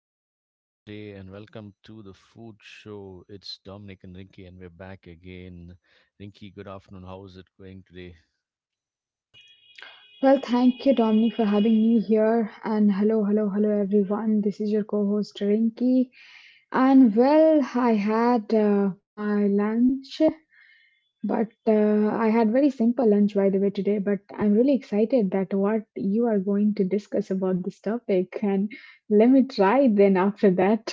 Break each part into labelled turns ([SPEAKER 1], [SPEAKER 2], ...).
[SPEAKER 1] Sunday today, and welcome to the food show. It's Dominic and Rinky, and we're back again. Rinky, good afternoon. How is it going today?
[SPEAKER 2] Well, thank you, Dominic, for having me here. And hello, hello, hello, everyone. This is your co host, Rinky. And well, I had my lunch, but I had very simple lunch, by the way, today. But I'm really excited that what you are going to discuss about this topic. And let me try then after that.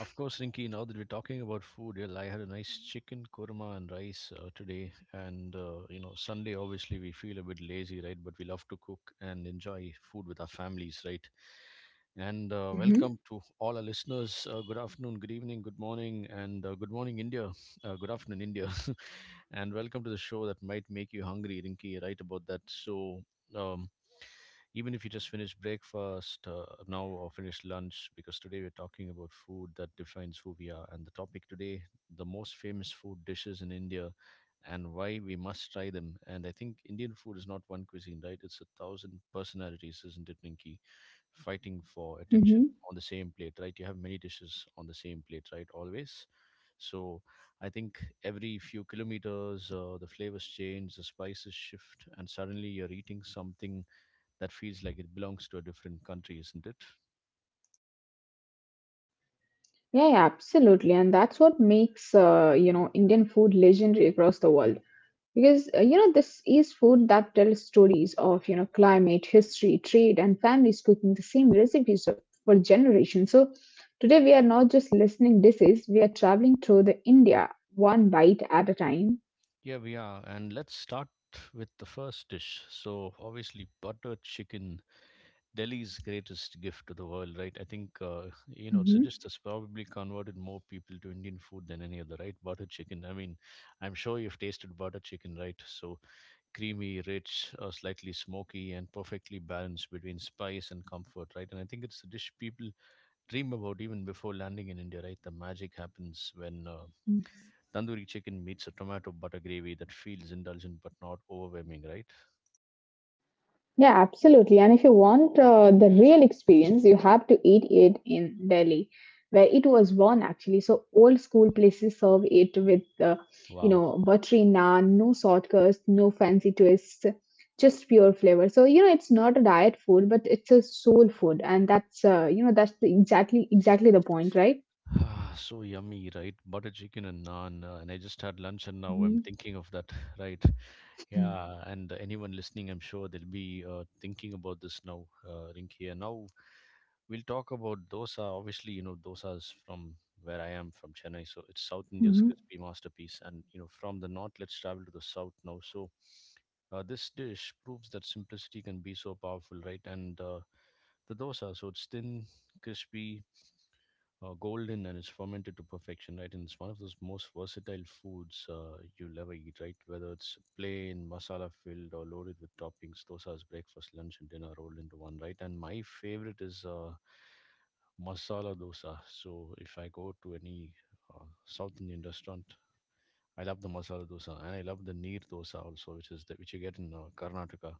[SPEAKER 1] Of course, Rinky. Now that we're talking about food, well, I had a nice chicken korma and rice today. Sunday, obviously, we feel a bit lazy, right? But we love to cook and enjoy food with our families, right? And
[SPEAKER 2] Mm-hmm.
[SPEAKER 1] welcome to all our listeners. Good afternoon, good evening, good morning, and good morning, India. Good afternoon, India. And welcome to the show that might make you hungry, Rinky. Right about that. Um, Even if you just finished breakfast now or finished lunch, because today we're talking about food that defines who we are, and the topic today, the most famous food dishes in India, and why we must try them. And I think Indian food is not one cuisine, right? It's a thousand personalities, isn't it, Ninki? Fighting for attention
[SPEAKER 2] Mm-hmm.
[SPEAKER 1] on the same plate, right? You have many dishes on the same plate, right, always. So I think every few kilometers the flavors change, the spices shift, and suddenly you're eating something that feels like it belongs to a different country, isn't it?
[SPEAKER 2] Yeah, yeah, absolutely. And that's what makes, Indian food legendary across the world. Because this is food that tells stories of climate, history, trade, and families cooking the same recipes for generations. So today we are not just listening dishes, we are traveling through the India one bite at a time.
[SPEAKER 1] Yeah, we are. And let's start with the first dish. So, obviously, butter chicken, Delhi's greatest gift to the world, right? I think, it's
[SPEAKER 2] Mhm.
[SPEAKER 1] a dish that's probably converted more people to Indian food than any other, right? Butter chicken. I mean, I'm sure you've tasted butter chicken, right? So, creamy, rich, slightly smoky, and perfectly balanced between spice and comfort, right? And I think it's a dish people dream about even before landing in India, right? The magic happens when Tandoori chicken meets a tomato butter gravy that feels indulgent but not overwhelming, right?
[SPEAKER 2] Yeah, absolutely. And if you want the real experience, you have to eat it in Delhi, where it was born actually. So old school places serve it with,
[SPEAKER 1] Wow.
[SPEAKER 2] buttery naan, no shortcuts, no fancy twists, just pure flavor. So it's not a diet food, but it's a soul food, and that's exactly the point, right?
[SPEAKER 1] Ah, so yummy, right? Butter chicken and naan. And I just had lunch and now I'm
[SPEAKER 2] Mm-hmm.
[SPEAKER 1] thinking of that, right? Yeah, and anyone listening, I'm sure they'll be thinking about this now, Rinki. And now we'll talk about dosa. Obviously, you know, dosa is from where I am, from Chennai, so it's South India's
[SPEAKER 2] hmm.
[SPEAKER 1] crispy masterpiece. And you know, from the north, let's travel to the south now. So this dish proves that simplicity can be so powerful, right? And the dosa, so it's thin, crispy, golden, and it's fermented to perfection, right? And it's one of those most versatile foods you'll ever eat, right? Whether it's plain, masala filled, or loaded with toppings, dosa's breakfast, lunch, and dinner rolled into one, right? And my favorite is masala dosa.
[SPEAKER 2] hmm.
[SPEAKER 1] So if I go to any South Indian restaurant, I love the masala dosa, and I love the neer dosa also, which is the, which you get in Karnataka.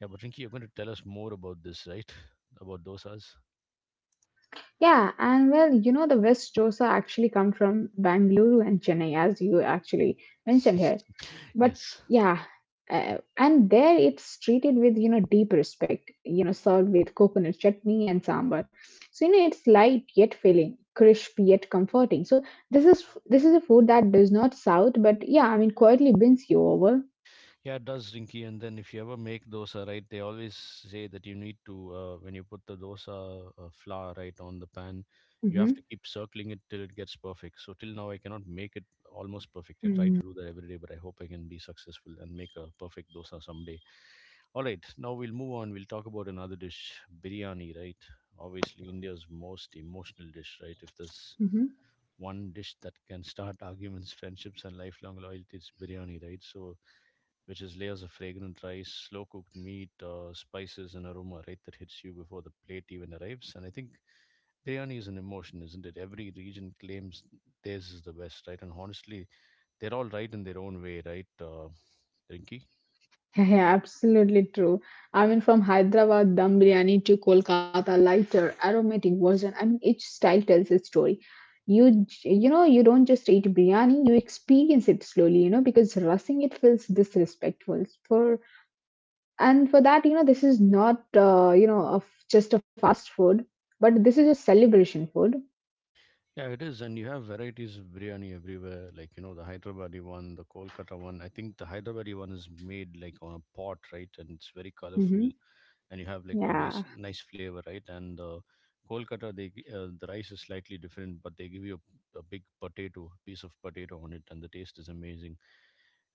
[SPEAKER 1] Yeah, but Rinki, you're going to tell us more about this, right? About dosas.
[SPEAKER 2] Yeah, and well, the West dosa actually come from Bangalore and Chennai, as you actually mentioned here. But
[SPEAKER 1] Yes.
[SPEAKER 2] yeah, and there it's treated with deep respect, served with coconut chutney and sambar. So it's light yet filling, crisp yet comforting. So this is a food that does not south, but yeah, I mean quietly wins you over.
[SPEAKER 1] Yeah, it does, Rinky. And then if you ever make dosa, right, they always say that you need to, when you put the dosa flour, right, on the pan, you have
[SPEAKER 2] hmm.
[SPEAKER 1] to keep circling it till it gets perfect. So till now, I cannot make it almost perfect. I try
[SPEAKER 2] Mm-hmm.
[SPEAKER 1] to do that every day, but I hope I can be successful and make a perfect dosa someday. All right, now we'll move on. We'll talk about another dish, biryani, right? Obviously, India's most emotional dish, right? If there's one dish that can start arguments, friendships, and lifelong loyalty, it's biryani, right? So, which is layers of fragrant rice, slow cooked meat, spices, and aroma, right, that hits you before the plate even arrives. And I think biryani is an emotion, isn't it? Every region claims theirs is the best, right? And honestly, they're all right in their own way, right, Rinki?
[SPEAKER 2] Yeah, yeah, absolutely true. I mean, from Hyderabad dum biryani to Kolkata lighter, aromatic version. I mean, each style tells its story. You j- you know you don't just eat biryani, you experience it slowly. Because rushing it feels disrespectful. For and for that, this is not of just a fast food, but this is a celebration food.
[SPEAKER 1] Yeah, it is, and you have varieties of biryani everywhere. Like you know, the Hyderabadi one, the Kolkata one. I think the Hyderabadi one is made like on a pot, right? And it's very
[SPEAKER 2] hmm.
[SPEAKER 1] colorful. And you have like a
[SPEAKER 2] Yeah.
[SPEAKER 1] nice flavor, right? And the Kolkata, the rice is slightly different, but they give you a big potato, piece of potato on it, and the taste is amazing.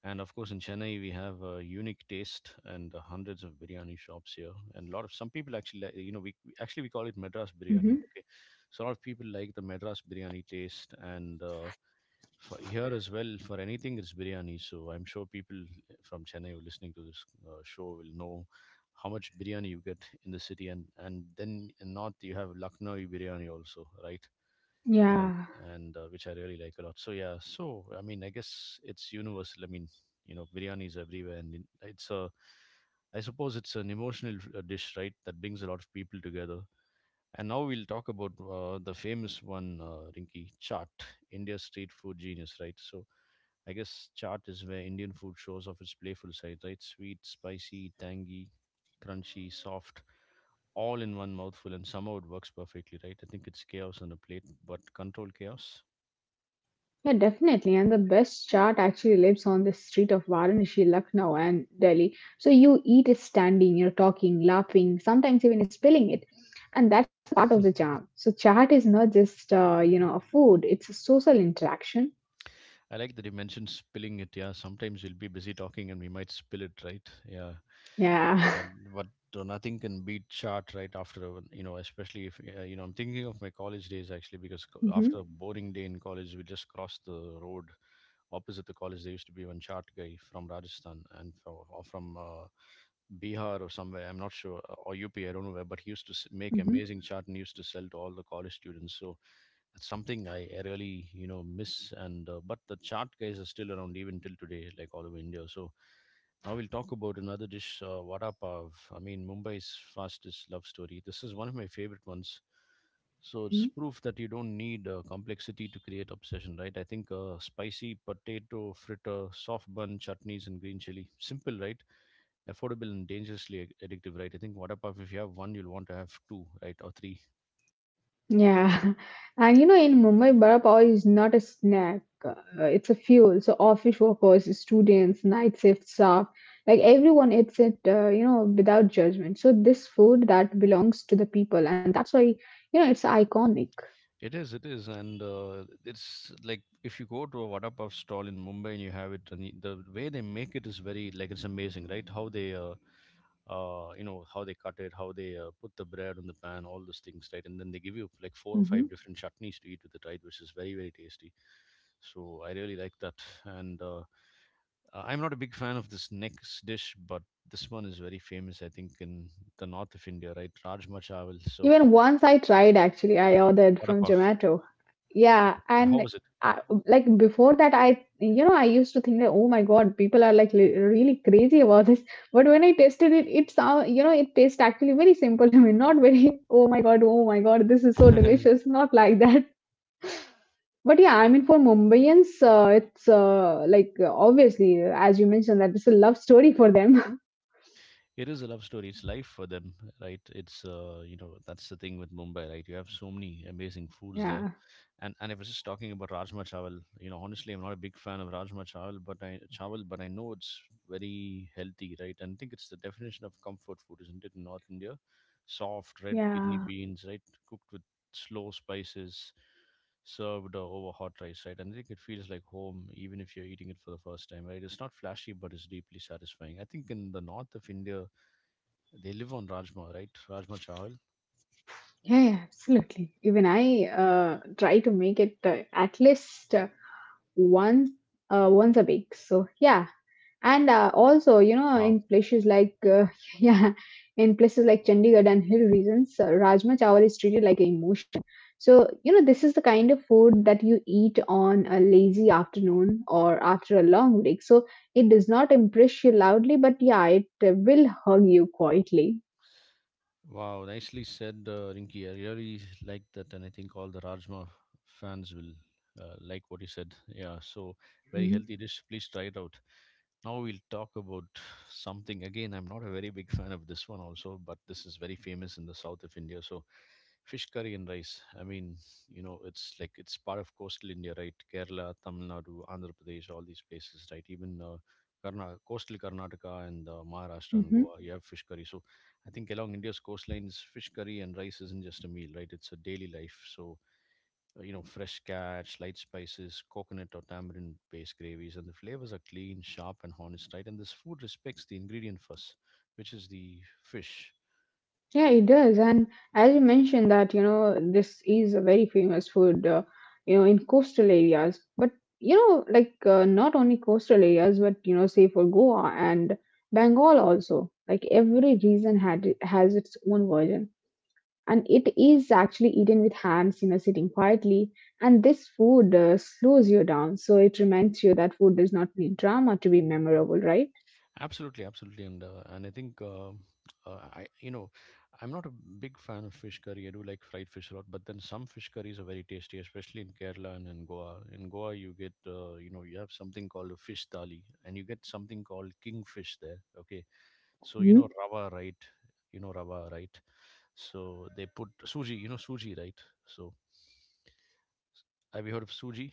[SPEAKER 1] And of course, in Chennai, we have a unique taste, and hundreds of biryani shops here, and a lot of some people actually, like, you know, actually we call it Madras biryani.
[SPEAKER 2] hmm.
[SPEAKER 1] Okay, so a lot of people like the Madras biryani taste, and. For here as well, for anything, it's biryani. So I'm sure people from Chennai who are listening to this show will know how much biryani you get in the city. And then in north, you have Lucknow biryani also, right? and
[SPEAKER 2] Yeah.
[SPEAKER 1] and uh, which I really like a lot. So yeah, so I mean I guess it's universal. I mean, you know, biryani is everywhere, and it's a, I suppose it's an emotional dish, right, that brings a lot of people together. And now we'll talk about the famous one, Rinki, chaat, India's street food genius, right? So, I guess chaat is where Indian food shows off its playful side, right? Sweet, spicy, tangy, crunchy, soft, all in one mouthful, and somehow it works perfectly, right? I think it's chaos on a plate, but controlled chaos.
[SPEAKER 2] Yeah, definitely. And the best chaat actually lives on the street of Varanasi, Lucknow, and Delhi. So you eat it standing, you're talking, laughing, sometimes even spilling it. And that's the part of the charm. So chaat is not just, a food, it's a social interaction.
[SPEAKER 1] I like that you mentioned spilling it. Yeah, sometimes we'll be busy talking and we might spill it, right? Yeah,
[SPEAKER 2] Yeah.
[SPEAKER 1] but, but nothing can beat chart right after a, you know, especially if you know. I'm thinking of my college days actually, because
[SPEAKER 2] hmm.
[SPEAKER 1] after a boring day in college, we just crossed the road opposite the college. There used to be one chart guy from Rajasthan, and from Bihar or somewhere, I'm not sure, or UP, I don't know where, but he used to s- make
[SPEAKER 2] hmm.
[SPEAKER 1] amazing chart and used to sell to all the college students. So that's something I really, you know, miss. And but the chart guys are still around even till today, like all over India. So now we'll talk about another dish, vada pav. I mean, Mumbai's fastest love story. This is one of my favorite ones. So it's proof that you don't need complexity to create obsession, right? I think spicy potato fritter, soft bun chutneys, and green chili. Simple, right? Affordable and addictive, right? I think Waterpuff, if you have one, you'll want to have two, right, or three.
[SPEAKER 2] Yeah, and in Mumbai, vada pav is not a snack, it's a fuel. So, office workers, students, night shift staff, like everyone eats it, without judgment. So, this food that belongs to the people, and that's why, it's iconic.
[SPEAKER 1] It is, and it's like if you go to a Waterpuff stall in Mumbai and you have it, and the way they make it is very like it's amazing, right? How they, how they cut it, how they put the bread on the pan, all those things, right? And then they give you like four or
[SPEAKER 2] Mm-hmm.
[SPEAKER 1] five different chutneys to eat with it, right, which is very tasty. So I really like that, and uh, I'm not a big fan of this next dish, but this one is very famous, I think, in the north of India, right? Rajma chawal. So,
[SPEAKER 2] Even once I tried actually, I ordered
[SPEAKER 1] what a
[SPEAKER 2] from
[SPEAKER 1] puff.
[SPEAKER 2] Zomato. Yeah,
[SPEAKER 1] Okay. And how
[SPEAKER 2] and
[SPEAKER 1] was it?
[SPEAKER 2] I, like before that, I you know I used to think that oh my God, people are like really crazy about this. But when I tasted it, it sound you know it tastes actually very simple to me, not very oh my God, oh my God, this is so delicious, not like that. But yeah, I mean for Mumbaians, it's like obviously as you mentioned that it's a love story for them.
[SPEAKER 1] It is a love story. It's life for them, right? It's, that's the thing with Mumbai, right? You have so many amazing foods there.
[SPEAKER 2] Yeah,
[SPEAKER 1] And I was just talking about Rajma Chawal. You know, honestly, I'm not a big fan of Rajma Chawal, but I know it's very healthy, right? And I think it's the definition of comfort food, isn't it? In North India, soft red kidney
[SPEAKER 2] yeah.
[SPEAKER 1] beans, right, cooked with slow spices, served over hot rice, right? And I think it feels like home, even if you're eating it for the first time, right? It's not flashy, but it's deeply satisfying. I think in the north of India, they live on Rajma, right? Rajma Chawal.
[SPEAKER 2] Yeah, yeah, absolutely. Even I try to make it at least once once a week. So yeah, and also in places like yeah, in places like Chandigarh and hill regions, rajma chawal is treated like an emotion. So this is the kind of food that you eat on a lazy afternoon or after a long break. So it does not impress you loudly, but yeah, it will hug you quietly.
[SPEAKER 1] Wow, nicely said, Rinky. I really like that, and I think all the Rajma fans will like what you said. Yeah, so very
[SPEAKER 2] Mm-hmm.
[SPEAKER 1] healthy dish. Please try it out. Now we'll talk about something again. I'm not a very big fan of this one also, but this is very famous in the south of India. So fish curry and rice. I mean, you know, it's like it's part of coastal India, right? Kerala, Tamil Nadu, Andhra Pradesh, all these places, right? Even coastal Karnataka and Maharashtra and
[SPEAKER 2] Mm-hmm.
[SPEAKER 1] Goa, you have fish curry. So I think along India's coastlines, fish curry and rice isn't just a meal, right? It's a daily life. You know, fresh carrots, light spices, coconut or tamarind based gravies, and the flavors are clean, sharp, and honest, right? And this food respects the ingredient first, which is the fish.
[SPEAKER 2] Yeah, it does. And as you mentioned that, this is a very famous food, in coastal areas. But, like not only coastal areas, but, say for Goa and Bengal also, like every region has its own version. And it is actually eaten with hands, sitting quietly. And this food slows you down. So it reminds you that food does not need drama to be memorable, right?
[SPEAKER 1] Absolutely, absolutely, and I think I you know I'm not a big fan of fish curry. I do like fried fish a lot, but then some fish curries are very tasty, especially in Kerala and in Goa. In Goa, you get you have something called a fish thali, and you get something called kingfish there. Okay, so
[SPEAKER 2] hmm.
[SPEAKER 1] you know rava, right? You know rava, right? So they put suji. You know suji, right? So have you heard of suji?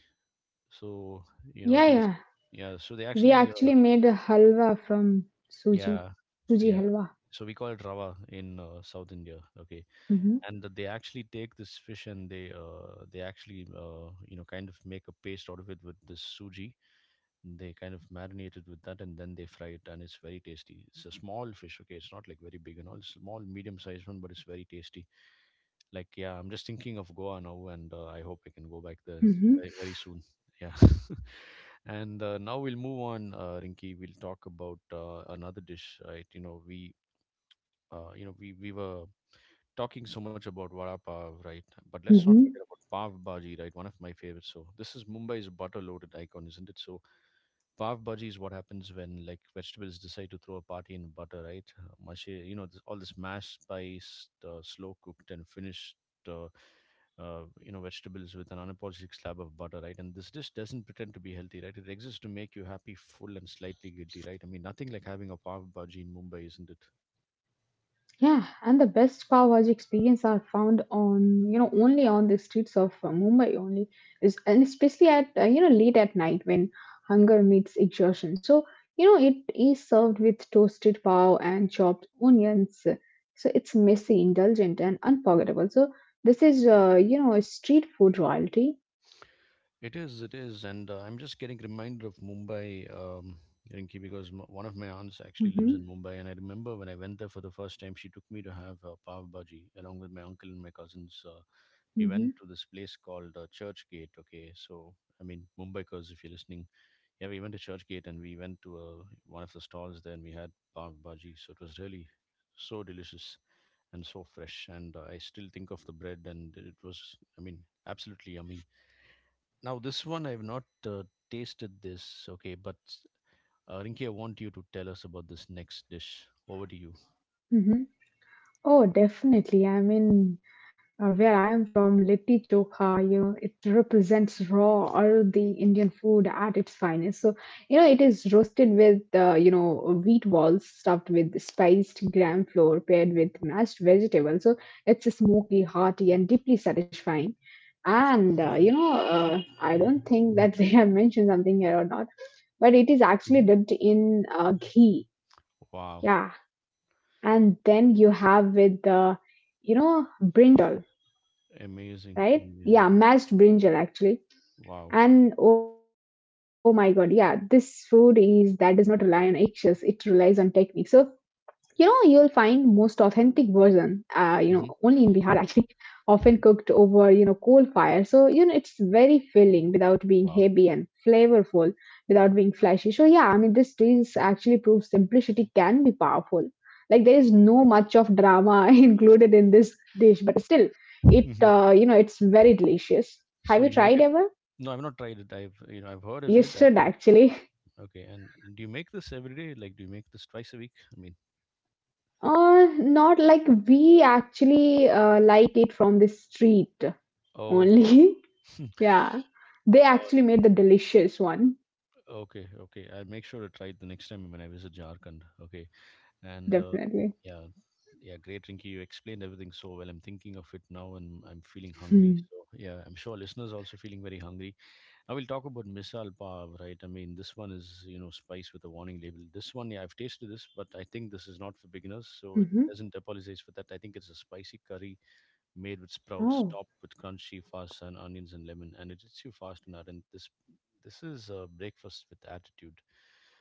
[SPEAKER 1] So I
[SPEAKER 2] Yeah,
[SPEAKER 1] think it's
[SPEAKER 2] yeah.
[SPEAKER 1] yeah. So they
[SPEAKER 2] We
[SPEAKER 1] actually
[SPEAKER 2] actually made a halwa from suji,
[SPEAKER 1] yeah,
[SPEAKER 2] suji
[SPEAKER 1] yeah.
[SPEAKER 2] halwa.
[SPEAKER 1] So we call it rava in South India. Okay,
[SPEAKER 2] Mhm,
[SPEAKER 1] and they actually take this fish and they actually you know kind of make a paste out of it with this suji. They kind of marinate it with that and then they fry it and it's very tasty. It's a small fish. Okay, it's not like very big and all. It's small, medium sized one, but it's very tasty. Like yeah, I'm just thinking of Goa now, and I hope I can go back there
[SPEAKER 2] mhm,
[SPEAKER 1] very very soon. Yeah. And now we'll move on, Rinki. We'll talk about another dish, right? You know, we were talking so much about vada pav, right? But let's not
[SPEAKER 2] mhm.
[SPEAKER 1] forget about pav bhaji, right? One of my favorites. So this is Mumbai's butter-loaded icon, isn't it? So pav bhaji is what happens when like vegetables decide to throw a party in butter, right? Mash, you know, this, all this mashed, spiced, slow-cooked, and finished. Uh, you know vegetables with an unapologetic slab of butter, right? And this dish doesn't pretend to be healthy, right? It exists to make you happy, full, and slightly guilty, right? I mean, nothing like having a pav bhaji in Mumbai, isn't it?
[SPEAKER 2] Yeah, and the best pav bhaji experience are found on you know only on the streets of Mumbai only is and especially at late at night when hunger meets exhaustion. So it is served with toasted pav and chopped onions. So it's messy, indulgent, and unforgettable. So this is a street food royalty.
[SPEAKER 1] It is, and I'm just getting reminded of Mumbai, Rinki, because one of my aunts actually lives
[SPEAKER 2] hmm.
[SPEAKER 1] in Mumbai, and I remember when I went there for the first time, she took me to have pav bhaji along with my uncle and my cousins. We
[SPEAKER 2] hmm.
[SPEAKER 1] went to this place called Church Gate. Okay, so I mean Mumbai, because if you're listening, yeah, we went to Church Gate and we went to one of the stalls there, and we had pav bhaji. So it was really so delicious and so fresh, and I still think of the bread, and it was, I mean, absolutely yummy. Now, this one I have not tasted this, okay, but Rinki, I want you to tell us about this next dish. Over to you.
[SPEAKER 2] hmm. Oh, definitely. I mean, where I'm from, litti chokha, it represents raw or the Indian food at its finest. So, it is roasted with, wheat balls stuffed with spiced gram flour paired with mashed vegetables. So it's smoky, hearty, and deeply satisfying. And I don't think that they have mentioned something here or not, but it is actually
[SPEAKER 1] Hmm.
[SPEAKER 2] dipped in ghee.
[SPEAKER 1] Wow,
[SPEAKER 2] Yeah, and then you have with the, brinjal,
[SPEAKER 1] amazing,
[SPEAKER 2] right?
[SPEAKER 1] amazing.
[SPEAKER 2] Yeah, mashed brinjal actually.
[SPEAKER 1] Wow,
[SPEAKER 2] And oh my God, yeah, this food is that does not rely on eggshells. It relies on technique. So you'll find most authentic version, only in
[SPEAKER 1] hmm,
[SPEAKER 2] Bihar actually, often cooked over, coal fire. So, it's very filling without being
[SPEAKER 1] wow.
[SPEAKER 2] heavy and flavorful, without being flashy. So, yeah, I mean, this dish actually proves simplicity can be powerful. Like, there is no much of drama included in this dish, but still, it,
[SPEAKER 1] Hmm.
[SPEAKER 2] uh, you know, it's very delicious.
[SPEAKER 1] So
[SPEAKER 2] Have you
[SPEAKER 1] you make
[SPEAKER 2] tried
[SPEAKER 1] it?
[SPEAKER 2] ever?
[SPEAKER 1] No, I've not tried it. I've I've heard
[SPEAKER 2] You
[SPEAKER 1] of it. I've,
[SPEAKER 2] should actually.
[SPEAKER 1] okay, and do you make this every day? Like, do you make this twice a week? I mean,
[SPEAKER 2] Not like we actually like it from the street
[SPEAKER 1] okay,
[SPEAKER 2] only. Yeah, they
[SPEAKER 1] oh,
[SPEAKER 2] actually made the delicious one,
[SPEAKER 1] okay, okay. I'll make sure to try it the next time when I visit Jharkhand. Okay. And
[SPEAKER 2] definitely.
[SPEAKER 1] yeah, yeah, great, Rinky, you explained everything so well. I'm thinking of it now and I'm feeling hungry, so yeah, I'm sure listeners also feeling very hungry. Now we'll talk about misal pav, right? I mean, this one is, you know, spice with a warning label. This one, yeah, I've tasted this, but I think this is not for beginners, so it
[SPEAKER 2] Mm-hmm.
[SPEAKER 1] doesn't apologize for that. I think it's a spicy curry made with sprouts,
[SPEAKER 2] Oh.
[SPEAKER 1] topped with crunchy fast and onions and lemon, and it hits you fast and hard, and this is a breakfast with attitude.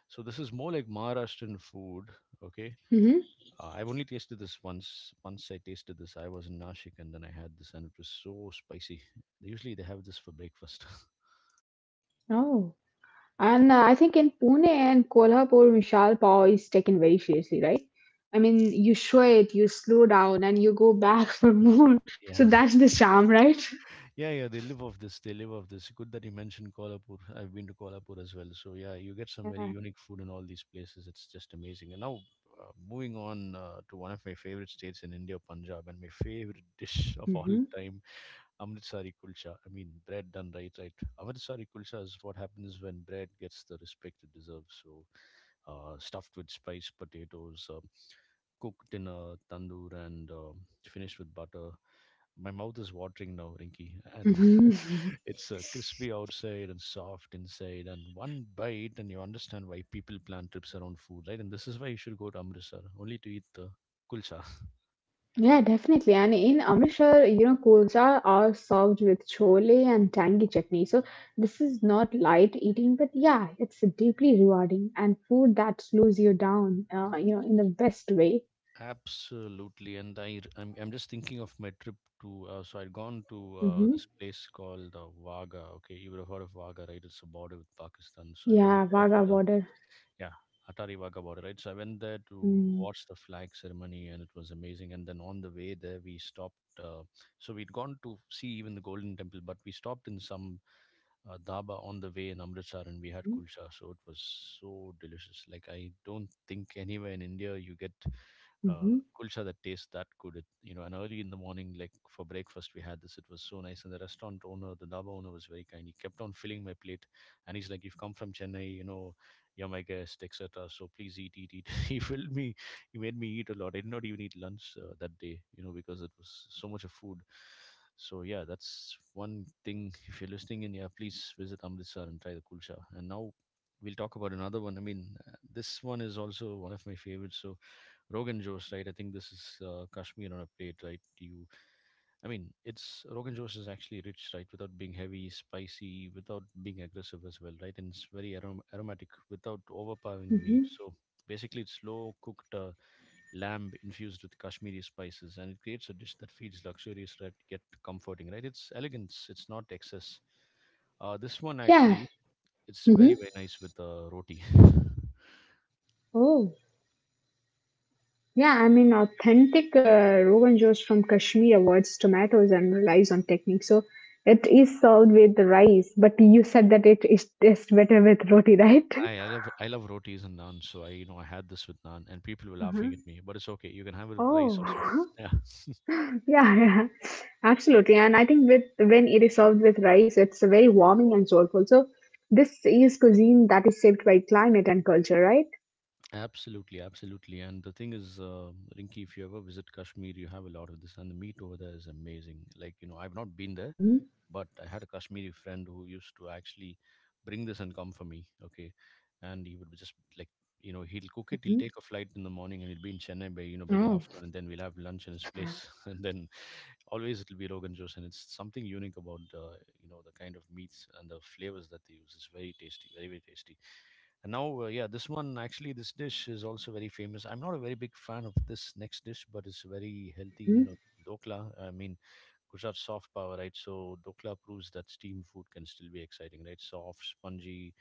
[SPEAKER 1] So this is more like Maharashtrian food, okay?
[SPEAKER 2] hmm.
[SPEAKER 1] I've only tasted this once. Once I tasted this, I was in Nashik and then I had this and it was so spicy. Usually they have this for breakfast.
[SPEAKER 2] Oh. And I think in Pune and Kolhapur, Mishal Pav is taken very seriously, right? I mean, you sweat, you slow down, and you go back for more. So
[SPEAKER 1] Yeah,
[SPEAKER 2] that's the charm, right?
[SPEAKER 1] yeah, yeah. They live off this. They live off this. Good that you mentioned Kolhapur. I've been to Kolhapur as well. So yeah, you get some
[SPEAKER 2] Yeah.
[SPEAKER 1] very unique food in all these places. It's just amazing. And now moving on to one of my favorite states in India, Punjab, and my favorite dish of
[SPEAKER 2] Mm-hmm.
[SPEAKER 1] all time, Amritsari kulcha. I mean, bread done right, right? Amritsari kulcha is what happens when bread gets the respect it deserves. So, stuffed with spiced potatoes, cooked in a tandoor, and finished with butter. My mouth is watering now, Rinky, and
[SPEAKER 2] Mm-hmm.
[SPEAKER 1] it's crispy outside and soft inside. And one bite, and you understand why people plan trips around food, right? And this is why you should go to Amritsar only to eat the kulcha.
[SPEAKER 2] Yeah, definitely. And in Amritsar, kulchas are served with chole and tangy chutney. So this is not light eating, but yeah, it's deeply rewarding and food that slows you down, in the best way.
[SPEAKER 1] Absolutely, and I'm just thinking of my trip to so I'd gone to this
[SPEAKER 2] hmm.
[SPEAKER 1] place called Vaga. Okay, you would have heard of Vaga, right? It's a border with Pakistan. So I went
[SPEAKER 2] Yeah,
[SPEAKER 1] there
[SPEAKER 2] Vaga
[SPEAKER 1] for the
[SPEAKER 2] border.
[SPEAKER 1] yeah Atari Vaga border, right? So I went there to
[SPEAKER 2] Mm-hmm.
[SPEAKER 1] watch the flag ceremony, and it was amazing. And then on the way there, we stopped. Uh, so we'd gone to see even the Golden Temple, but we stopped in some dhaba on the way in Amritsar, and we had kulcha. So it was so delicious. Like I don't think anywhere in India you get uh,
[SPEAKER 2] hmm.
[SPEAKER 1] kulcha that tastes that good. It, you know, and early in the morning, like for breakfast, we had this. It was so nice. And the restaurant owner, the dhaba owner, was very kind. He kept on filling my plate, and he's like, "You've come from Chennai, you know, you're my guest, etc. So please eat, eat, eat." He filled me. He made me eat a lot. I did not even eat lunch that day, you know, because it was so much of food. So yeah, that's one thing. If you're listening in, yeah, please visit Amritsar and try the kulcha. And now we'll talk about another one. I mean, this one is also one of my favorites. So Rogan Josh, right? I think this is Kashmir on a plate, right? You, I mean, it's Rogan Josh is actually rich, right? Without being heavy, spicy, without being aggressive as well, right? And it's very aromatic without overpowering the meat.
[SPEAKER 2] hmm.
[SPEAKER 1] So basically, it's slow cooked. Lamb infused with Kashmiri spices, and it creates a dish that feels luxurious, right, yet comforting. Right, it's elegance. It's not excess. This one
[SPEAKER 2] Yeah.
[SPEAKER 1] actually, it's very
[SPEAKER 2] hmm.
[SPEAKER 1] very nice with roti.
[SPEAKER 2] Oh. Yeah, I mean, authentic Rogan Josh from Kashmir avoids tomatoes and relies on technique. So it is served with rice, but you said that it is tastes better with roti, right?
[SPEAKER 1] I love rotis and naan, so I you know I had this with naan, and people were
[SPEAKER 2] Uh-huh.
[SPEAKER 1] laughing at me, but it's okay. You can have it with rice
[SPEAKER 2] Oh,
[SPEAKER 1] also.
[SPEAKER 2] yeah, yeah, absolutely. And I think with when it is served with rice, it's very warming and soulful. So this is cuisine that is shaped by climate and culture, right?
[SPEAKER 1] Yeah, absolutely, absolutely. And the thing is, Rinki, if you ever visit Kashmir, you have a lot of this, and the meat over there is amazing. Like you know, I've not been there,
[SPEAKER 2] Mm-hmm.
[SPEAKER 1] but I had a Kashmiri friend who used to actually bring this and come for me. Okay, and he would be just like you know he'll cook it. He'll take a flight in the morning and he'll be in Chennai by you know by the afternoon, and then we'll have lunch in his place, and then always it'll be Rogan juice, and it's something unique about you know the kind of meats and the flavors that they use. It's very tasty, very very tasty. And now, yeah, this one actually, this dish is also very famous. I'm not a very big fan of this next dish, but it's very healthy. You
[SPEAKER 2] Oh.
[SPEAKER 1] know, dokla. I mean, Gujarat soft power, right? So dokla proves that steam food can still be exciting, right? Soft, spongy,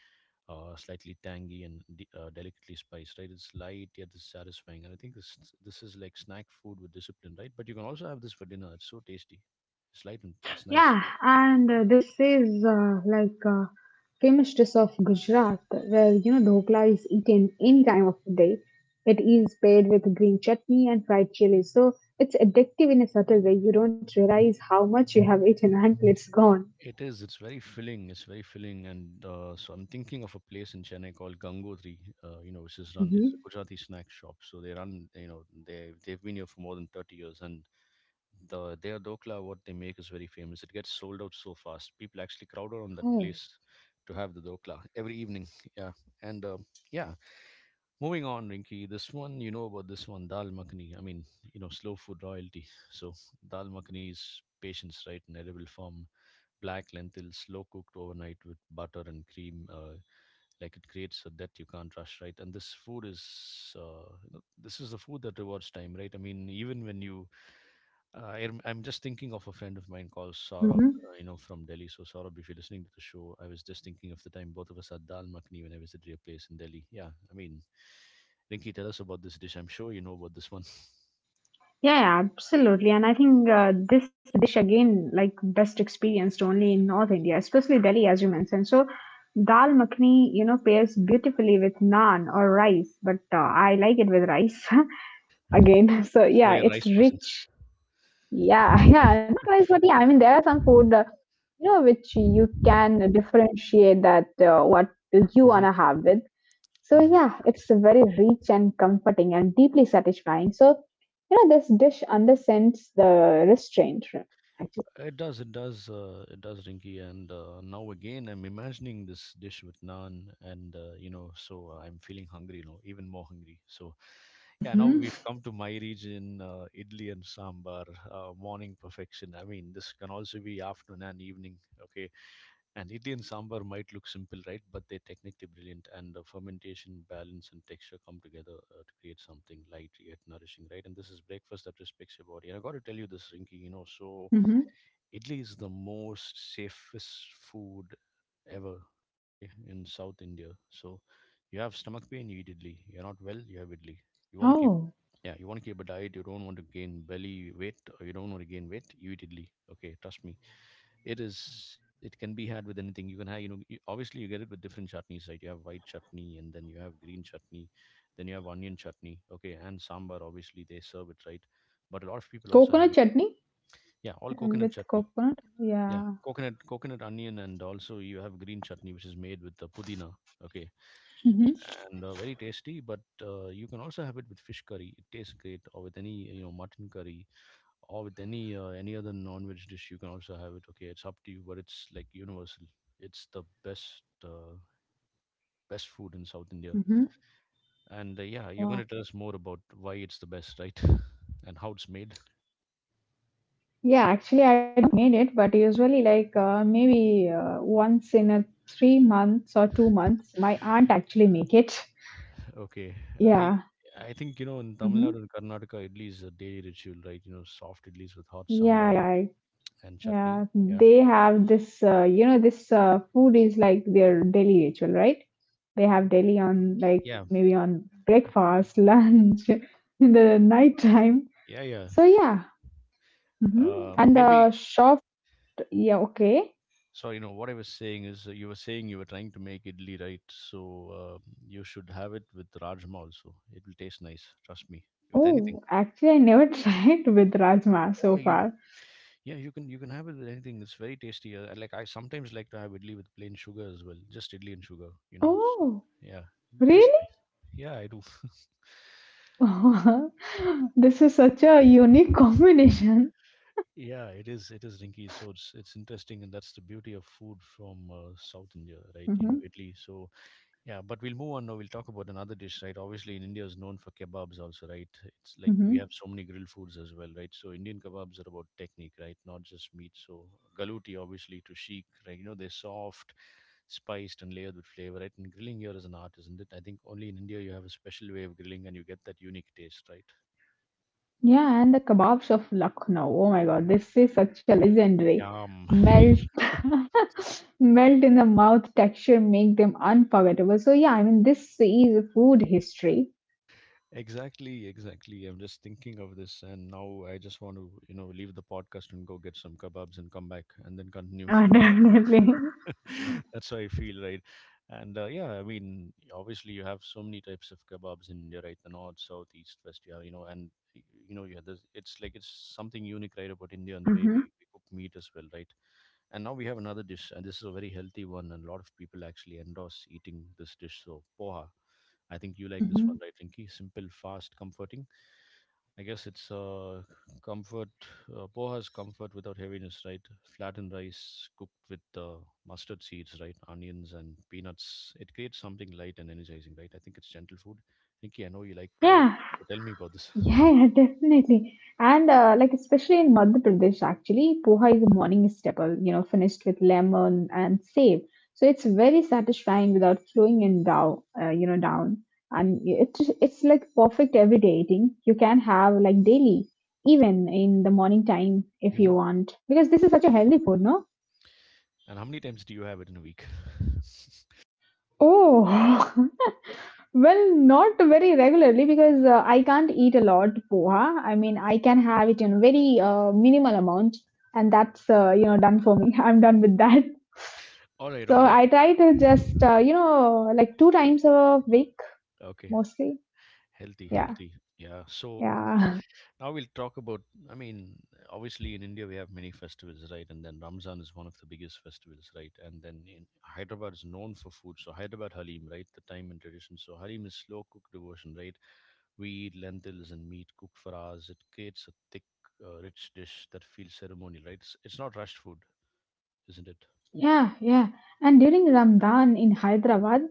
[SPEAKER 1] slightly tangy and delicately spiced, right? It's light yet it's satisfying, and I think this is like snack food with discipline, right? But you can also have this for dinner. It's so tasty. It's light and it's nice.
[SPEAKER 2] Yeah, and this is like famous dish of Gujarat, where dhokla is eaten any time of the day. It is paired with green chutney and fried chili, so it's addictive in a subtle way. You don't realize how much you have eaten until it's gone.
[SPEAKER 1] It is. It's very filling. It's very filling, and so I'm thinking of a place in Chennai called Gangotri. You know, which is run. It's a
[SPEAKER 2] hmm.
[SPEAKER 1] Gujarati snack shop. So they run. You know, they've been here for more than 30 years, and their dokla what they make is very famous. It gets sold out so fast. People actually crowd around that place
[SPEAKER 2] Oh.
[SPEAKER 1] to have the dokla every evening. Yeah, and yeah. Moving on, Rinky. This one you know about, this one dal makhani. I mean, you know, slow food royalty. So dal makhani is patience, right? In edible form, black lentils, slow cooked overnight with butter and cream. Like it creates a debt you can't rush, right? And this food is, this is the food that rewards time, right? I mean, even when you I'm just thinking of a friend of mine called Saurabh,
[SPEAKER 2] Mhm.
[SPEAKER 1] from Delhi. So Saurabh, if you're listening to the show, I was just thinking of the time both of us had dal makhni when I visited your place in Delhi. Yeah, I mean, Rinki, tell us about this dish. I'm sure you know about this one.
[SPEAKER 2] Yeah, yeah, absolutely. And I think this dish again, like best experienced only in North India, especially Delhi, as you mentioned. So dal makhani, pairs beautifully with naan or rice, but I like it with rice again. So
[SPEAKER 1] So
[SPEAKER 2] yeah,
[SPEAKER 1] you're a rice
[SPEAKER 2] it's
[SPEAKER 1] person.
[SPEAKER 2] rich. Yeah, yeah, not rice, but yeah, I mean, there are some food, which you can differentiate that what you
[SPEAKER 1] Hmm.
[SPEAKER 2] wanna have with. So
[SPEAKER 1] Hmm.
[SPEAKER 2] yeah, it's very rich and comforting and deeply satisfying. So this dish understands the restraint actually.
[SPEAKER 1] It does, it does, it does, Rinky. And now again, I'm imagining this dish with naan, and I'm feeling hungry now, even more hungry. So yeah, now
[SPEAKER 2] Mm-hmm.
[SPEAKER 1] we've come to my region, idli and sambar, morning perfection. I mean, this can also be afternoon and evening, okay? And idli and sambar might look simple, right? But they're technically brilliant, and the fermentation, balance, and texture come together to create something light yet nourishing, right? And this is breakfast that respects your body. And I got to tell you this, Rinky, you know. So
[SPEAKER 2] Mm-hmm.
[SPEAKER 1] idli is the most safest food ever, okay, in South India. So you have stomach pain, you eat idli. You're not well, you have idli. You want to keep,
[SPEAKER 2] Oh,
[SPEAKER 1] yeah, you want to keep a diet. You don't want to gain belly weight, or you don't want to gain weight. You eat idli, okay? Trust me, it is. It can be had with anything. You can have, you know, you, obviously you get it with different chutneys, right? You have white chutney, and then you have green chutney, then you have onion chutney, okay, and sambar. Obviously they serve it, right? But a lot of people also have
[SPEAKER 2] coconut
[SPEAKER 1] it.
[SPEAKER 2] chutney
[SPEAKER 1] Yeah, all coconut
[SPEAKER 2] with
[SPEAKER 1] chutney.
[SPEAKER 2] coconut.
[SPEAKER 1] Yeah,
[SPEAKER 2] Yeah.
[SPEAKER 1] coconut, coconut onion, and also you have green chutney, which is made with the pudina. Okay,
[SPEAKER 2] Mm-hmm.
[SPEAKER 1] and very tasty. But you can also have it with fish curry. It tastes great, or with any, you know, mutton curry, or with any other non-veg dish. You can also have it. Okay, it's up to you, but it's like universal. It's the best uh, best food in South India.
[SPEAKER 2] Mm-hmm.
[SPEAKER 1] And yeah, you're going to
[SPEAKER 2] Wow.
[SPEAKER 1] tell us more about why it's the best, right? And how it's made.
[SPEAKER 2] Yeah, actually, I don't made it, but usually, like maybe once in a 3 months or 2 months, my aunt actually make it.
[SPEAKER 1] Okay, I
[SPEAKER 2] Yeah.
[SPEAKER 1] I think you know in Tamil
[SPEAKER 2] Mm-hmm.
[SPEAKER 1] Nadu and Karnataka, idli is a daily ritual, right? You know, soft idlis with hot
[SPEAKER 2] Yeah.
[SPEAKER 1] sambar
[SPEAKER 2] Yeah.
[SPEAKER 1] and chutney.
[SPEAKER 2] Yeah,
[SPEAKER 1] Yeah,
[SPEAKER 2] they have this food is like their daily ritual, right? They have daily on like
[SPEAKER 1] yeah,
[SPEAKER 2] maybe on breakfast, lunch, in the night time.
[SPEAKER 1] yeah, yeah.
[SPEAKER 2] So yeah, mhm. and
[SPEAKER 1] Maybe.
[SPEAKER 2] uh, soft, yeah, okay.
[SPEAKER 1] So you know what I was saying is, you were saying you were trying to make idli, right? So uh, you should have it with rajma also. It will taste nice. Trust me. With anything.
[SPEAKER 2] Oh, actually, I never tried with rajma
[SPEAKER 1] Oh,
[SPEAKER 2] so
[SPEAKER 1] you.
[SPEAKER 2] far.
[SPEAKER 1] Yeah, you can, you can have it with anything. It's very tasty. Like I sometimes like to have idli with plain sugar as well, just idli and sugar. You know, so
[SPEAKER 2] Oh,
[SPEAKER 1] yeah, it tastes
[SPEAKER 2] really?
[SPEAKER 1] nice. Yeah, I do.
[SPEAKER 2] This is such a unique combination.
[SPEAKER 1] Yeah, it is. It is, Rinki. So it's interesting, and that's the beauty of food from South India, right? You know,
[SPEAKER 2] hmm.
[SPEAKER 1] Italy. So yeah, but we'll move on now. We'll talk about another dish, right? Obviously, in India is known for kebabs also, right? It's like
[SPEAKER 2] hmm.
[SPEAKER 1] we have so many grilled foods as well, right? So Indian kebabs are about technique, right? Not just meat. So galuti, obviously, to sheik, right? You know, they're soft, spiced, and layered with flavor, right? And grilling here is an art, isn't it? I think only in India you have a special way of grilling and you get that unique taste, right?
[SPEAKER 2] Yeah, and the kebabs of Lucknow. Oh my God, this is such a legendary.
[SPEAKER 1] Yum.
[SPEAKER 2] Melt melt in the mouth texture make them unforgettable. So yeah, I mean this is food history.
[SPEAKER 1] Exactly, exactly. I'm just thinking of this, and now I just want to, you know, leave the podcast and go get some kebabs and come back and then continue,
[SPEAKER 2] Yeah,
[SPEAKER 1] you know.
[SPEAKER 2] definitely.
[SPEAKER 1] That's how I feel, right? And yeah, I mean, obviously you have so many types of kebabs in India, right? The north, south, east, west. Yeah, you know, and y- you know, yeah, there's, it's like it's something unique, right, about India and the way
[SPEAKER 2] hmm.
[SPEAKER 1] we cook meat as well, right? And now we have another dish, and this is a very healthy one, and a lot of people actually endorse eating this dish. So poha, I think you like this
[SPEAKER 2] hmm.
[SPEAKER 1] one, right, Rinky? Simple, fast, comforting. I guess Comfort, poha is comfort without heaviness, right? Flattened rice cooked with mustard seeds, right? Onions and peanuts. It creates something light and energizing, right? I think it's gentle food. Nikki, I know you like poha,
[SPEAKER 2] Yeah,
[SPEAKER 1] so tell me about this.
[SPEAKER 2] yeah, yeah, definitely. And like especially in Madhya Pradesh, actually, poha is a morning staple, finished with lemon and save. So it's very satisfying without slowing in down. And it's like perfect everyday eating. You can have like daily, even in the morning time if
[SPEAKER 1] Hmm.
[SPEAKER 2] you want, because this is such a healthy food, no?
[SPEAKER 1] And how many times do you have it in a week?
[SPEAKER 2] Oh, Well, not very regularly because I can't eat a lot poha. I mean, I can have it in very minimal amount, and that's done for me. I'm done with that.
[SPEAKER 1] All right, all
[SPEAKER 2] So
[SPEAKER 1] right.
[SPEAKER 2] I try to just like 2 times a week
[SPEAKER 1] Okay,
[SPEAKER 2] mostly.
[SPEAKER 1] healthy,
[SPEAKER 2] Yeah,
[SPEAKER 1] healthy. Yeah. So
[SPEAKER 2] yeah,
[SPEAKER 1] now we'll talk about. I mean, obviously in India we have many festivals, right? And then Ramzan is one of the biggest festivals, right? And then in Hyderabad is known for food, so Hyderabad Halim, right? The time and tradition. So Halim is slow cooked devotion, right? We eat lentils and meat cooked for hours. It creates a thick, rich dish that feels ceremonial, right? It's not rushed food, isn't it?
[SPEAKER 2] yeah. And during Ramadan in Hyderabad,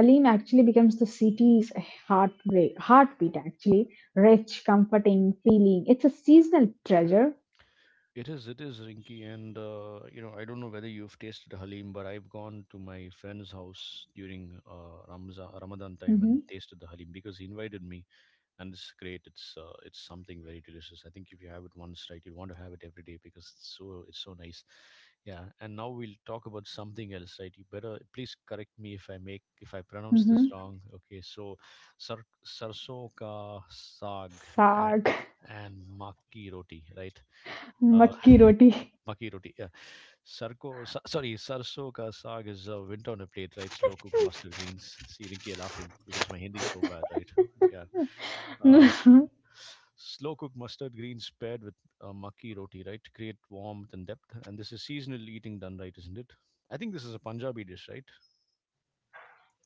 [SPEAKER 2] Halim actually becomes the city's heartbeat actually. Rich, comforting feeling. It's a seasonal treasure.
[SPEAKER 1] It is, Rinky. And you know, I don't know whether you've tasted Halim, but I've gone to my friend's house during Ramzan, Ramadan time and
[SPEAKER 2] Hmm
[SPEAKER 1] tasted the Halim because he invited me, and it's great. It's something very delicious. I think if you have it once, right, you want to have it every day because it's so, it's so nice. Yeah, and now we'll talk about something else, right? You better please correct me if I make if I pronounce this
[SPEAKER 2] hmm
[SPEAKER 1] wrong. Okay, so sar sarso ka saag and
[SPEAKER 2] Saag,
[SPEAKER 1] and makki roti, right? Uh,
[SPEAKER 2] makki roti.
[SPEAKER 1] Maki roti, yeah. Sorry, sarso ka saag is winter on a plate, right? Slow cooked mustard greens. See, Rinki, you're laughing because my Hindi is so bad, right? Yeah. Uh, Slow cooked mustard greens paired with makki roti, right, create warmth and depth. And this is seasonal eating done right, isn't it? I think this is a Punjabi dish, right?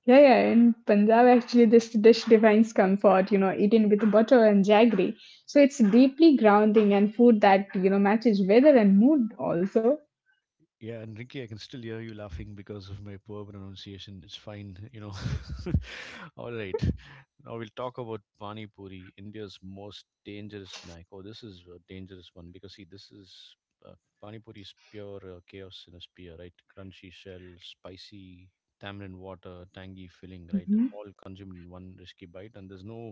[SPEAKER 2] Yeah, yeah. In Punjab, actually, this dish defines comfort, you know, eaten with butter and jaggery. So it's deeply grounding and food that, you know, matches weather and mood also.
[SPEAKER 1] Yeah, and Ricky, I can still hear you laughing because of my poor pronunciation. It's fine, you know. All right. Now we'll talk about Pani Puri, India's most dangerous snack. Oh, this is a dangerous one because, see, this is uh, Pani Puri is pure chaos in a spear, right? Crunchy shell, spicy tamarind water, tangy filling, right?
[SPEAKER 2] Hmm
[SPEAKER 1] All consumed in one risky bite, and there's no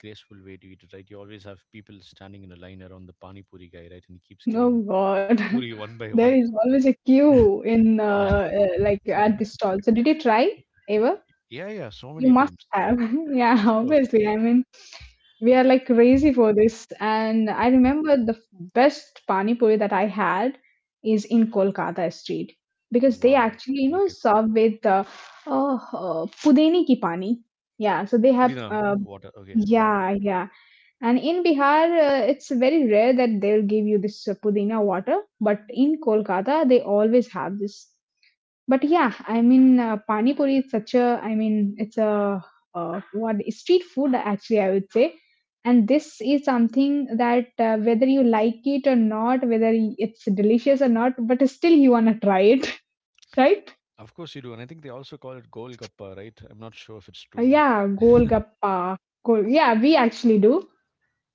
[SPEAKER 1] graceful way to eat it, right? You always have people standing in a line around the Pani Puri guy, right? And he keeps giving
[SPEAKER 2] Oh, God.
[SPEAKER 1] Puri one by
[SPEAKER 2] There
[SPEAKER 1] one.
[SPEAKER 2] is always a queue
[SPEAKER 1] Yeah.
[SPEAKER 2] like, at the stall. So did you try ever?
[SPEAKER 1] Yeah, yeah, so
[SPEAKER 2] You
[SPEAKER 1] many
[SPEAKER 2] must
[SPEAKER 1] times.
[SPEAKER 2] have. Yeah,
[SPEAKER 1] Of course.
[SPEAKER 2] obviously. I mean, we are like crazy for this. And I remember the best pani puri that I had is in Kolkata street because they
[SPEAKER 1] Wow.
[SPEAKER 2] actually, you know,
[SPEAKER 1] Okay.
[SPEAKER 2] serve with pudeni ki pani. Yeah, so they
[SPEAKER 1] Put
[SPEAKER 2] have,
[SPEAKER 1] in a water. Okay. Wow.
[SPEAKER 2] yeah, yeah. And in Bihar, it's very rare that they'll give you this pudina water, but in Kolkata, they always have this. But yeah, I mean, pani puri is such a, I mean, it's a what street food actually, I would say. And this is something that whether you like it or not, whether it's delicious or not, but still you wanna try it, right?
[SPEAKER 1] Of course you do. And I think they also call it Gol Gappa, right? I'm not sure if it's true.
[SPEAKER 2] Yeah, golgappa, gol. Yeah, we actually do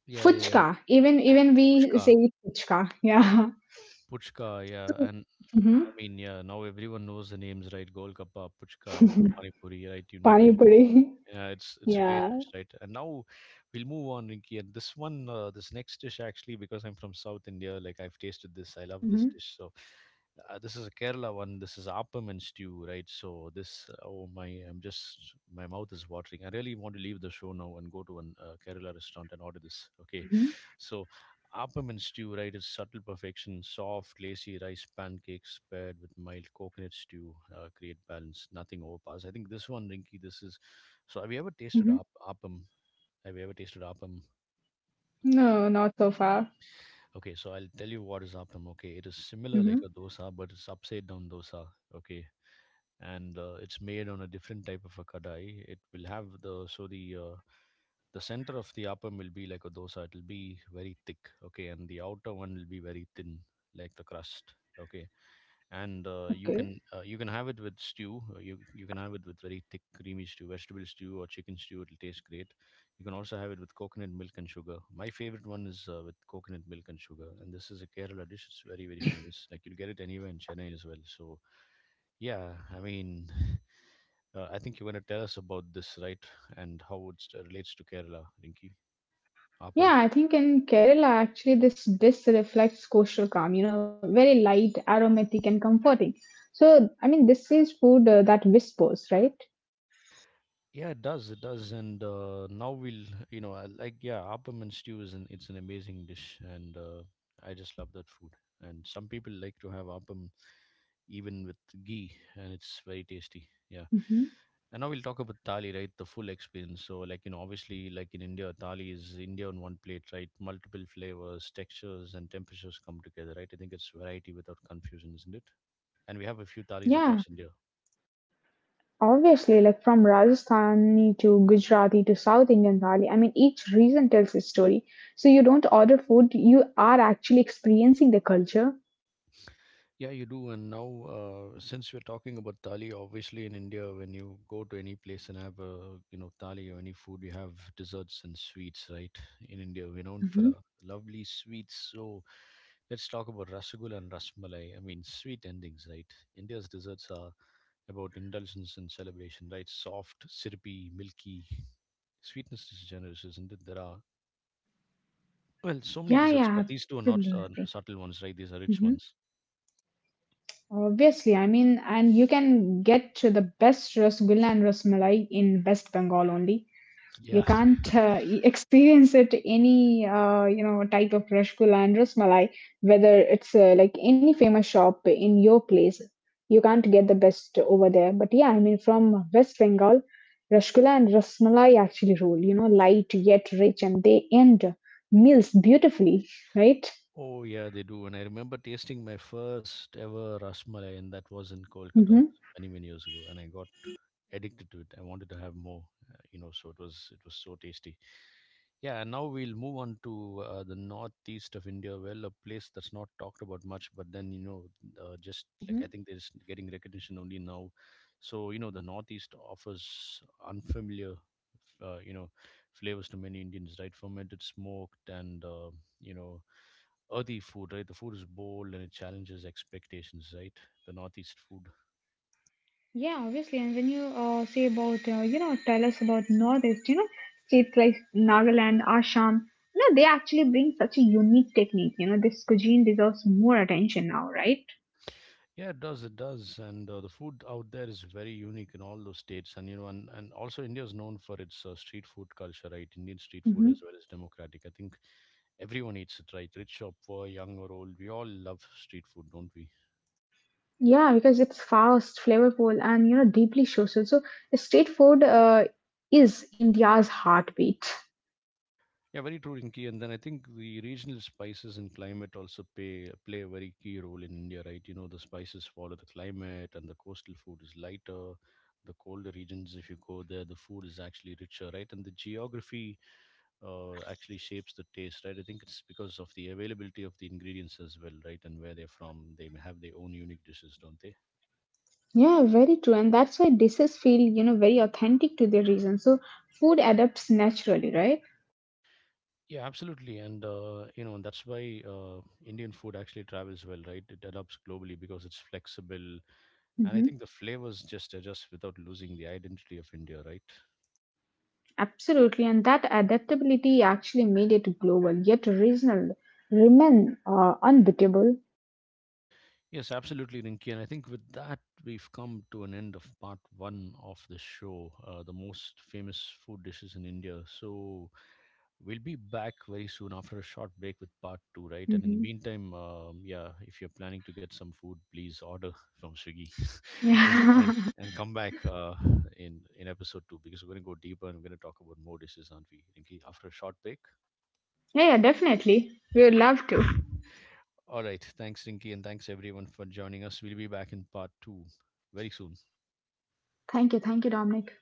[SPEAKER 1] Yeah, yeah, yeah.
[SPEAKER 2] fuchka. Even we
[SPEAKER 1] Puchka.
[SPEAKER 2] say fuchka. Yeah.
[SPEAKER 1] Puchka, yeah.
[SPEAKER 2] So,
[SPEAKER 1] And I
[SPEAKER 2] mhm.
[SPEAKER 1] mean, yeah, now everyone knows the names, right? Gol Gappa, Puchka, Panipuri, right?
[SPEAKER 2] Pani
[SPEAKER 1] You.
[SPEAKER 2] puri.
[SPEAKER 1] Yeah, it's a great
[SPEAKER 2] Yeah.
[SPEAKER 1] dish, right? And now we'll move on, Rinky. And this one, this next dish, actually, because I'm from South India, like I've tasted this, I love this
[SPEAKER 2] hmm
[SPEAKER 1] dish. So this is a Kerala one. This is appam and stew, right? So this, oh my, I'm just my mouth is watering. I really want to leave the show now and go to an Kerala restaurant and order this. Okay,
[SPEAKER 2] hmm
[SPEAKER 1] so appam and stew, right, is subtle perfection. Soft, lacy rice pancakes paired with mild coconut stew create balance. Nothing overpowers. I think this one, Rinky, this is. So, have you ever tasted
[SPEAKER 2] hmm
[SPEAKER 1] appam? Have you ever tasted appam?
[SPEAKER 2] No, not so far.
[SPEAKER 1] Okay, so I'll tell you what is appam. Okay, it is similar like
[SPEAKER 2] Hmm
[SPEAKER 1] a dosa, but it's upside down dosa. Okay, and it's made on a different type of a kadai. It will have the so the center of the upper will be like a dosa. It'll be very thick, okay, and the outer one will be very thin, like the crust, okay. And
[SPEAKER 2] Okay.
[SPEAKER 1] you can have it with stew. You can have it with very thick creamy stew, vegetable stew or chicken stew. It'll taste great. You can also have it with coconut milk and sugar. My favorite one is with coconut milk and sugar, and this is a Kerala dish. It's very very famous. Like you'll get it anywhere in Chennai as well. So yeah, I mean, I think you want to tell us about this, right? And how it relates to Kerala, Rinki.
[SPEAKER 2] Yeah,
[SPEAKER 1] Appam.
[SPEAKER 2] I think in Kerala, actually, this dish reflects coastal calm, you know, very light, aromatic, and comforting. So, I mean, this is food that whispers, right?
[SPEAKER 1] Yeah, it does. It does. And now we'll, Appam stew it's an amazing dish. And I just love that food. And some people like to have Appam even with ghee, and it's very tasty. Yeah.
[SPEAKER 2] hmm
[SPEAKER 1] And now we'll talk about thali, right? The full experience. So, like, you know, obviously, like in India, thali is India on one plate, right? Multiple flavors, textures, and temperatures come together, right? I think it's variety without confusion, isn't it? And we have a few thalis
[SPEAKER 2] Yeah,
[SPEAKER 1] across India.
[SPEAKER 2] obviously, like from Rajasthani to Gujarati to South Indian thali, I mean, each region tells its story. So, you don't order food, you are actually experiencing the culture.
[SPEAKER 1] Yeah, you do. And now, since we're talking about thali, obviously in India, when you go to any place and have a you know thali or any food, you have desserts and sweets, right? In India, we're known
[SPEAKER 2] Hmm
[SPEAKER 1] for our lovely sweets. So let's talk about rasgulla and rasmalai. I mean, sweet endings, right? India's desserts are about indulgence and celebration, right? Soft, syrupy, milky. Sweetness is generous, isn't it? There are well, so many
[SPEAKER 2] Yeah,
[SPEAKER 1] desserts,
[SPEAKER 2] yeah,
[SPEAKER 1] but these two are not
[SPEAKER 2] absolutely.
[SPEAKER 1] subtle ones, right? These are rich
[SPEAKER 2] Mhm.
[SPEAKER 1] ones.
[SPEAKER 2] Obviously, I mean, and you can get to the best Rasgulla and Rasmalai in West Bengal only. You
[SPEAKER 1] Yeah.
[SPEAKER 2] can't e- experience it any you know type of Rasgulla and Rasmalai, whether it's like any famous shop in your place. You can't get the best over there. But yeah, I mean, from West Bengal, Rasgulla and Rasmalai actually rule. You know, light yet rich, and they end meals beautifully, right?
[SPEAKER 1] Oh yeah, they do. And I remember tasting my first ever rasmalai, and that was in Kolkata
[SPEAKER 2] Mm-hmm.
[SPEAKER 1] many many years ago. And I got addicted to it. I wanted to have more. So it was so tasty. Yeah, and now we'll move on to the northeast of India. Well, a place that's not talked about much, but then you know, just like I think they're just getting recognition only now. So you know, the northeast offers unfamiliar, uh, you know, flavors to many Indians, right? Fermented, smoked, and you know earthy food, right? The food is bold and it challenges expectations, right? The Northeast food.
[SPEAKER 2] Yeah, obviously. And when you say about, you know, tell us about Northeast, you know, states like Nagaland, Assam, you know, they actually bring such a unique technique. You know, this cuisine deserves more attention now, right?
[SPEAKER 1] Yeah, it does. It does. And The food out there is very unique in all those states. And, you know, and also India is known for its street food culture, right? Indian street food
[SPEAKER 2] hmm
[SPEAKER 1] as well as democratic. I think everyone eats it, right? Rich or poor, young or old. We all love street food, don't we?
[SPEAKER 2] Yeah, because it's fast, flavorful, and you know deeply social. So street food is India's heartbeat.
[SPEAKER 1] Yeah, very true, Rinki. And then I think the regional spices and climate also play a very key role in India, right? You know, the spices follow the climate, and the coastal food is lighter. The colder regions, if you go there, the food is actually richer, right? And the geography actually shapes the taste, right? I think it's because of the availability of the ingredients as well, right? And where they're from, they may have their own unique dishes, don't they?
[SPEAKER 2] Yeah, very true, and that's why dishes feel you know very authentic to their region. So food adapts naturally, right?
[SPEAKER 1] Yeah, absolutely, and that's why Indian food actually travels well, right? It adapts globally because it's flexible, and I
[SPEAKER 2] Mhm.
[SPEAKER 1] think the flavors just adjust without losing the identity of India, right?
[SPEAKER 2] Absolutely, and that adaptability actually made it global yet regional, remain unbeatable.
[SPEAKER 1] Yes, absolutely, Rinki. And I think with that, we've come to an end of part 1 of the show, the most famous food dishes in India. So we'll be back very soon after a short break with part 2, right? And in the
[SPEAKER 2] Mhm.
[SPEAKER 1] meantime, yeah, if you're planning to get some food, please order from Swiggy and,
[SPEAKER 2] Yeah.
[SPEAKER 1] and, and come back in episode 2 because we're going to go deeper and we're going to talk about more dishes, aren't we, Rinki? After a short break,
[SPEAKER 2] Yeah, yeah, definitely. We would love to.
[SPEAKER 1] all right. Thanks, Rinky, and thanks everyone for joining us. We'll be back in part 2 very soon.
[SPEAKER 2] Thank you, Dominic.